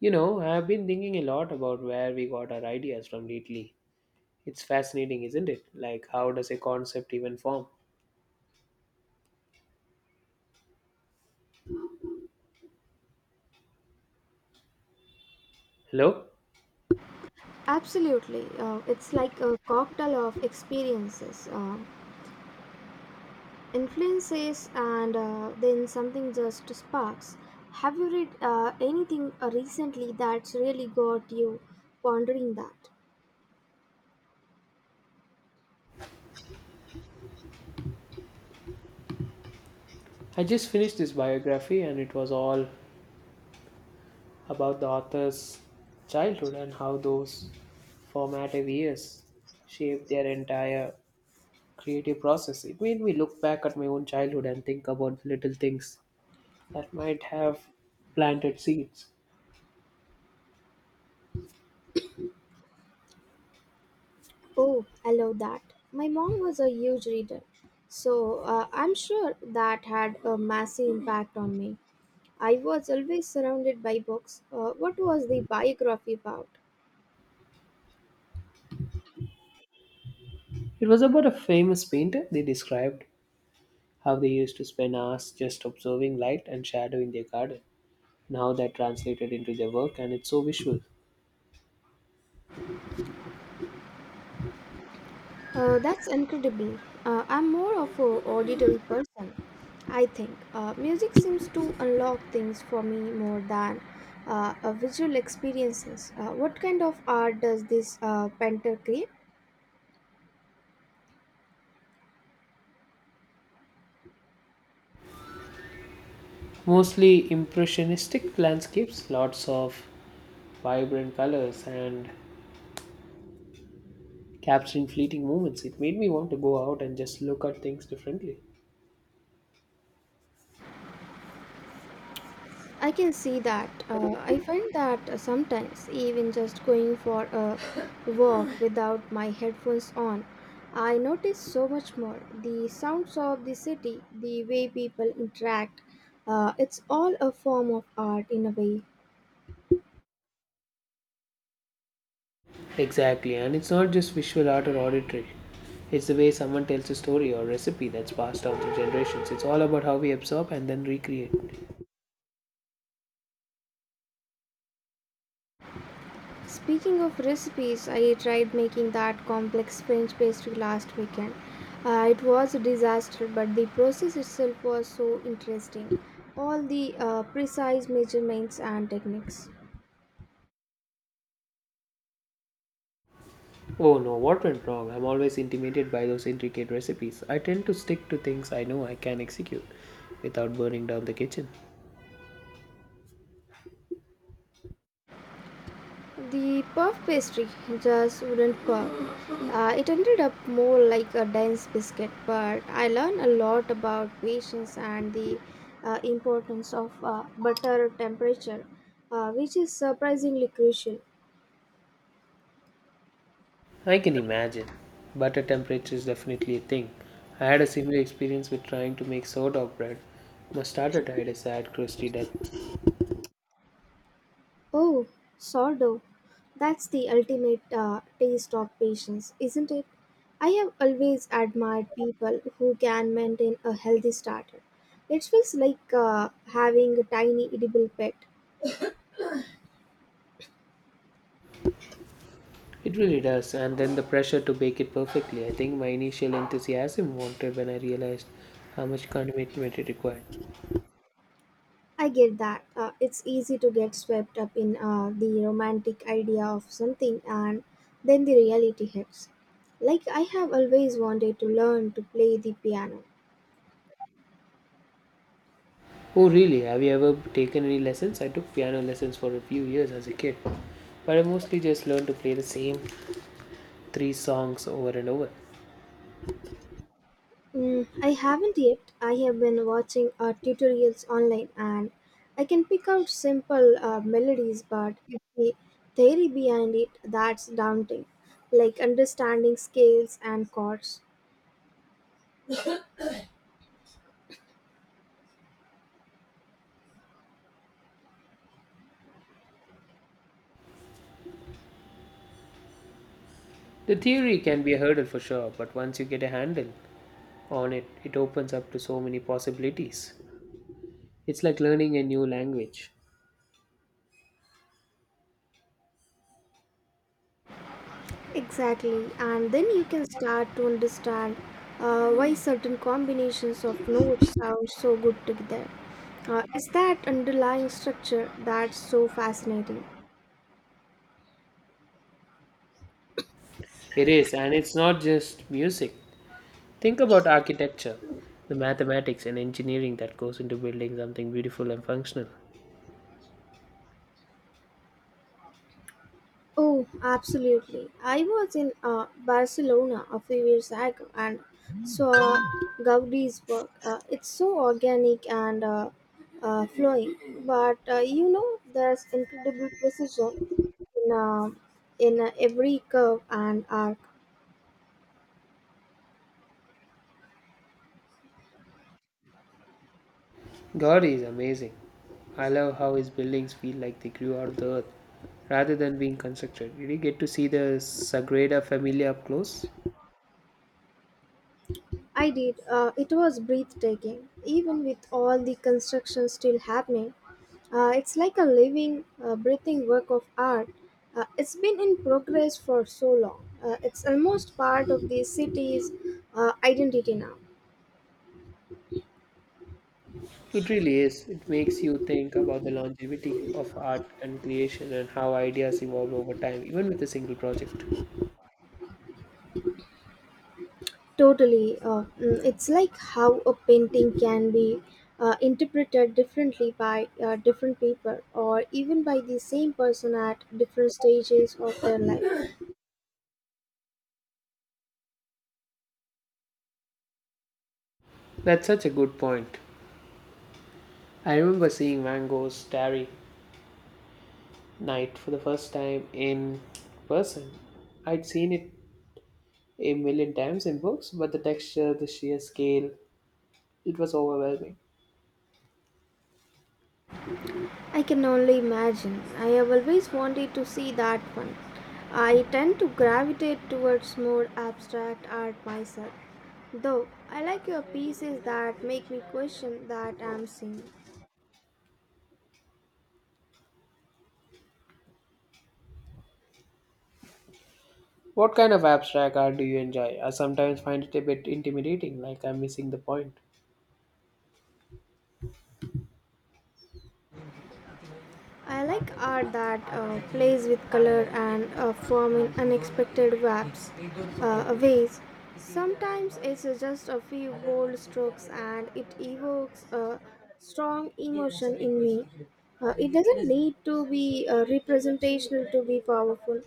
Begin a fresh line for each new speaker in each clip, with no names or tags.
You know, I've been thinking a lot about where we got our ideas from lately. It's fascinating, isn't it? Like, how does a concept even form? Hello?
Absolutely. It's like a cocktail of experiences, influences, and then something just sparks. Have you read anything recently that's really got you pondering that?
I just finished this biography, and it was all about the author's childhood and how those formative years shaped their entire creative process. It made me look back at my own childhood and think about little things that might have planted seeds.
Oh, I love that. My mom was a huge reader, so I'm sure that had a massive impact on me. I was always surrounded by books. What was the biography about?
It was about a famous painter. They described how they used to spend hours just observing light and shadow in their garden. Now that translated into their work, and it's so visual.
That's incredible. I'm more of a auditory person, I think. Music seems to unlock things for me more than visual experiences. What kind of art does this painter create?
Mostly impressionistic landscapes, lots of vibrant colors and capturing fleeting moments. It made me want to go out and just look at things differently.
I can see that. I find that sometimes, even just going for a walk without my headphones on, I notice so much more. The sounds of the city, the way people interact, it's all a form of art in a way.
Exactly, and it's not just visual art or auditory. It's the way someone tells a story or recipe that's passed down through generations. It's all about how we absorb and then recreate.
Speaking of recipes, I tried making that complex French pastry last weekend. It was a disaster, but the process itself was so interesting. All the precise measurements and techniques.
Oh no, what went wrong? I'm always intimidated by those intricate recipes. I tend to stick to things I know I can execute without burning down the kitchen.
The puff pastry just wouldn't work. It ended up more like a dense biscuit, but I learned a lot about patience and the importance of butter temperature, which is surprisingly crucial.
I can imagine. Butter temperature is definitely a thing. I had a similar experience with trying to make sourdough bread. My starter died a sad, crusty death.
Oh, sourdough. That's the ultimate taste of patience, isn't it? I have always admired people who can maintain a healthy starter. It feels like having a tiny edible pet.
It really does, and then the pressure to bake it perfectly. I think my initial enthusiasm wanted when I realized how much commitment it required.
I get that. It's easy to get swept up in the romantic idea of something and then the reality hits. Like, I have always wanted to learn to play the piano.
Oh really, have you ever taken any lessons? I took piano lessons for a few years as a kid, but I mostly just learned to play the same three songs over and over.
Mm, I haven't yet. I have been watching tutorials online and I can pick out simple melodies, but it's the theory behind it that's daunting, like understanding scales and chords.
The theory can be a hurdle for sure, but once you get a handle on it, it opens up to so many possibilities. It's like learning a new language.
Exactly, and then you can start to understand why certain combinations of notes sound so good together. It's that underlying structure that's so fascinating.
It is, and it's not just music. Think about architecture, the mathematics and engineering that goes into building something beautiful and functional.
Oh, absolutely. I was in Barcelona a few years ago and saw Gaudi's work. It's so organic and flowing, but you know, there's incredible precision in, uh, in every curve and arc.
God is amazing. I love how his buildings feel like they grew out of the earth rather than being constructed. Did you get to see the Sagrada Familia up close?
I did. It was breathtaking, even with all the construction still happening. It's like a living, breathing work of art. It's been in progress for so long. It's almost part of the city's identity now.
It really is. It makes you think about the longevity of art and creation and how ideas evolve over time, even with a single project.
Totally. It's like how a painting can be interpreted differently by different people or even by the same person at different stages of their life.
That's such a good point. I remember seeing Van Gogh's Starry Night for the first time in person. I'd seen it a million times in books, but the texture, the sheer scale, it was overwhelming.
I can only imagine. I have always wanted to see that one. I tend to gravitate towards more abstract art myself. Though I like your pieces that make me question that I'm seeing.
What kind of abstract art do you enjoy? I sometimes find it a bit intimidating, like I'm missing the point.
I like art that plays with color and form in unexpected ways. Sometimes it's just a few bold strokes and it evokes a strong emotion in me. It doesn't need to be representational to be powerful.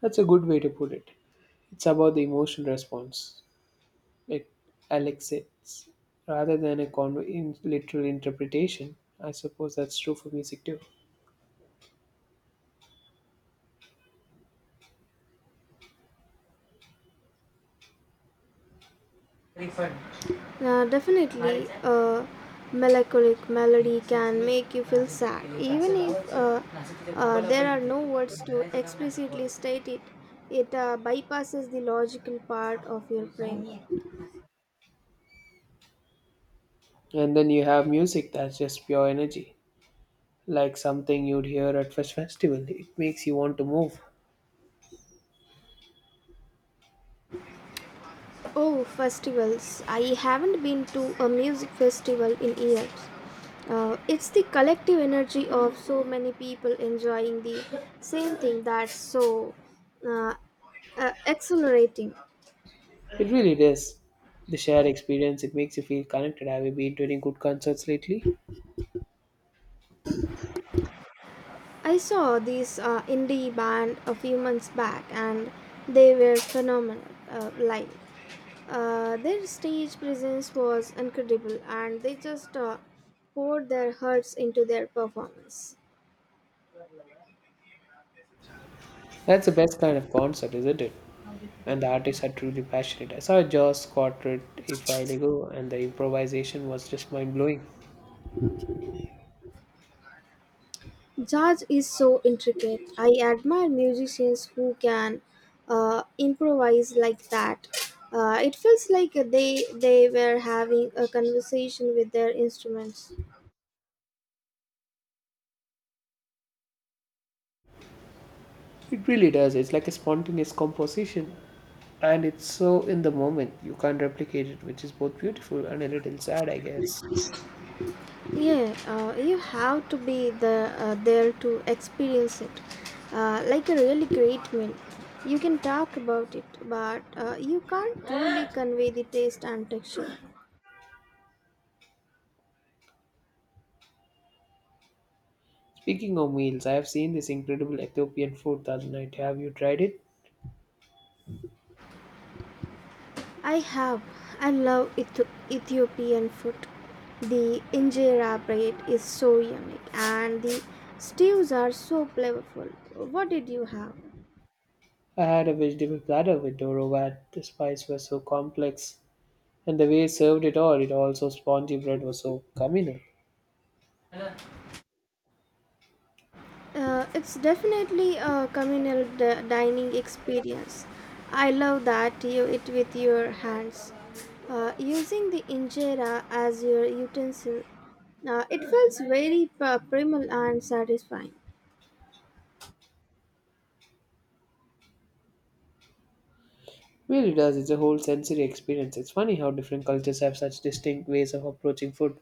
That's a good way to put it. It's about the emotional response it elicits rather than a in literal interpretation. I suppose that's true for music too.
Refund. Yeah, definitely, a melancholic melody can make you feel sad, even if there are no words to explicitly state it. It bypasses the logical part of your brain.
And then you have music that's just pure energy, like something you'd hear at first festival. It makes you want to move.
Oh, festivals! I haven't been to a music festival in years. It's the collective energy of so many people enjoying the same thing that's so uh, exhilarating.
It really does. The shared experience, it makes you feel connected. Have you been to any good concerts lately?
I saw this indie band a few months back and they were phenomenal live. Their stage presence was incredible and they just poured their hearts into their performance.
That's the best kind of concert, isn't it? And the artists are truly passionate. I saw a Jaws quartet a while ago, and the improvisation was just mind blowing.
Jazz is so intricate. I admire musicians who can improvise like that. It feels like they were having a conversation with their instruments.
It really does. It's like a spontaneous composition, and it's so in the moment. You can't replicate it, which is both beautiful and a little sad, I guess.
Yeah, you have to be there to experience it. Like a really great meal, you can talk about it, but you can't truly convey the taste and texture.
Speaking of meals, I have seen this incredible Ethiopian food the other night. Have you tried it?
I have. I love Ethiopian food. The injera bread is so unique, and the stews are so flavorful. What did you have?
I had a vegetable platter with dorovat. The spices were so complex, and the way it served it all, it also spongy bread was so communal.
It's definitely a communal dining experience. I love that you eat with your hands, using the injera as your utensil. Now it feels very primal and satisfying.
Really does. It's a whole sensory experience. It's funny how different cultures have such distinct ways of approaching food.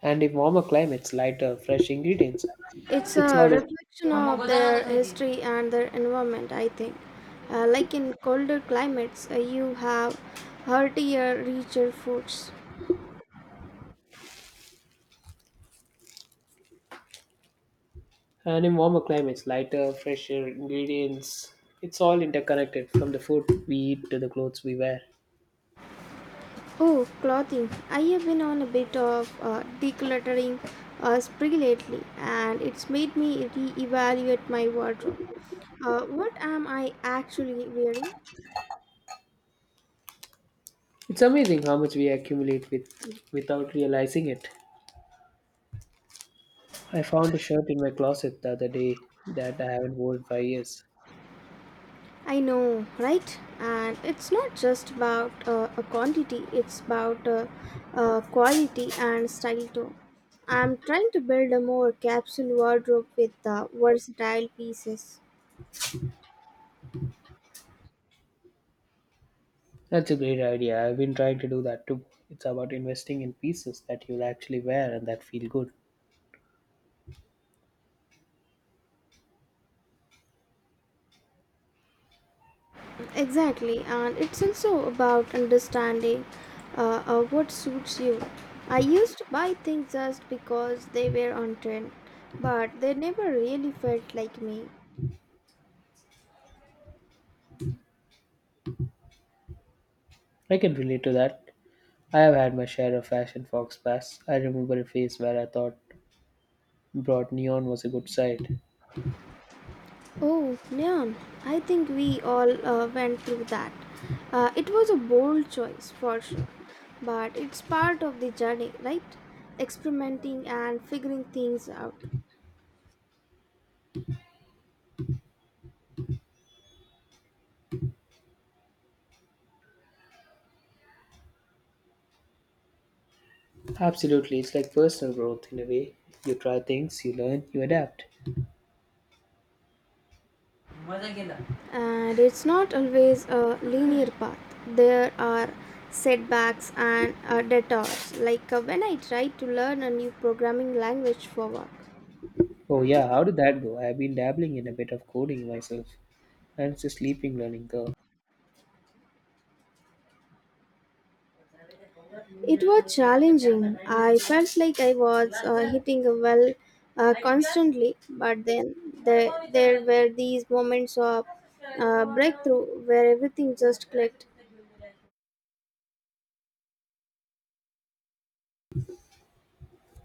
And in warmer climates, lighter, fresh ingredients.
It's
It's
a
all in,
reflection of their history and their environment, I think. Like in colder climates, you have heartier, richer foods.
and in warmer climates, lighter, fresher ingredients. It's all interconnected, from the food we eat to the clothes we wear.
Oh, clothing. I have been on a bit of decluttering spree lately, and it's made me re-evaluate my wardrobe. What am I actually wearing?
It's amazing how much we accumulate without realizing it. I found a shirt in my closet the other day that I haven't worn for years.
I know, right? And it's not just about a quantity; it's about quality and style too. I'm trying to build a more capsule wardrobe with versatile pieces.
That's a great idea. I've been trying to do that too. It's about investing in pieces that you'll actually wear and that feel good.
Exactly, and it's also about understanding what suits you. I used to buy things just because they were on trend, but they never really felt like me.
I can relate to that. I have had my share of fashion fox pass. I remember a phase where I thought broad neon was a good side.
Oh, neon, I think we all went through that. It was a bold choice for sure, but it's part of the journey, right? Experimenting and figuring things out.
Absolutely, it's like personal growth in a way. You try things, you learn, you adapt.
And it's not always a linear path. There are setbacks and detours. Like when I tried to learn a new programming language for work,
Oh yeah, how did that go? I've been dabbling in a bit of coding myself, and it's a sleeping learning curve.
it was challenging. I felt like I was hitting a well constantly, but then there were these moments of breakthrough where everything just clicked.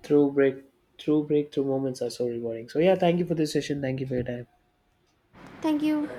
Through break, through breakthrough moments are so rewarding. So yeah, thank you for this session. Thank you for your time.
Thank you.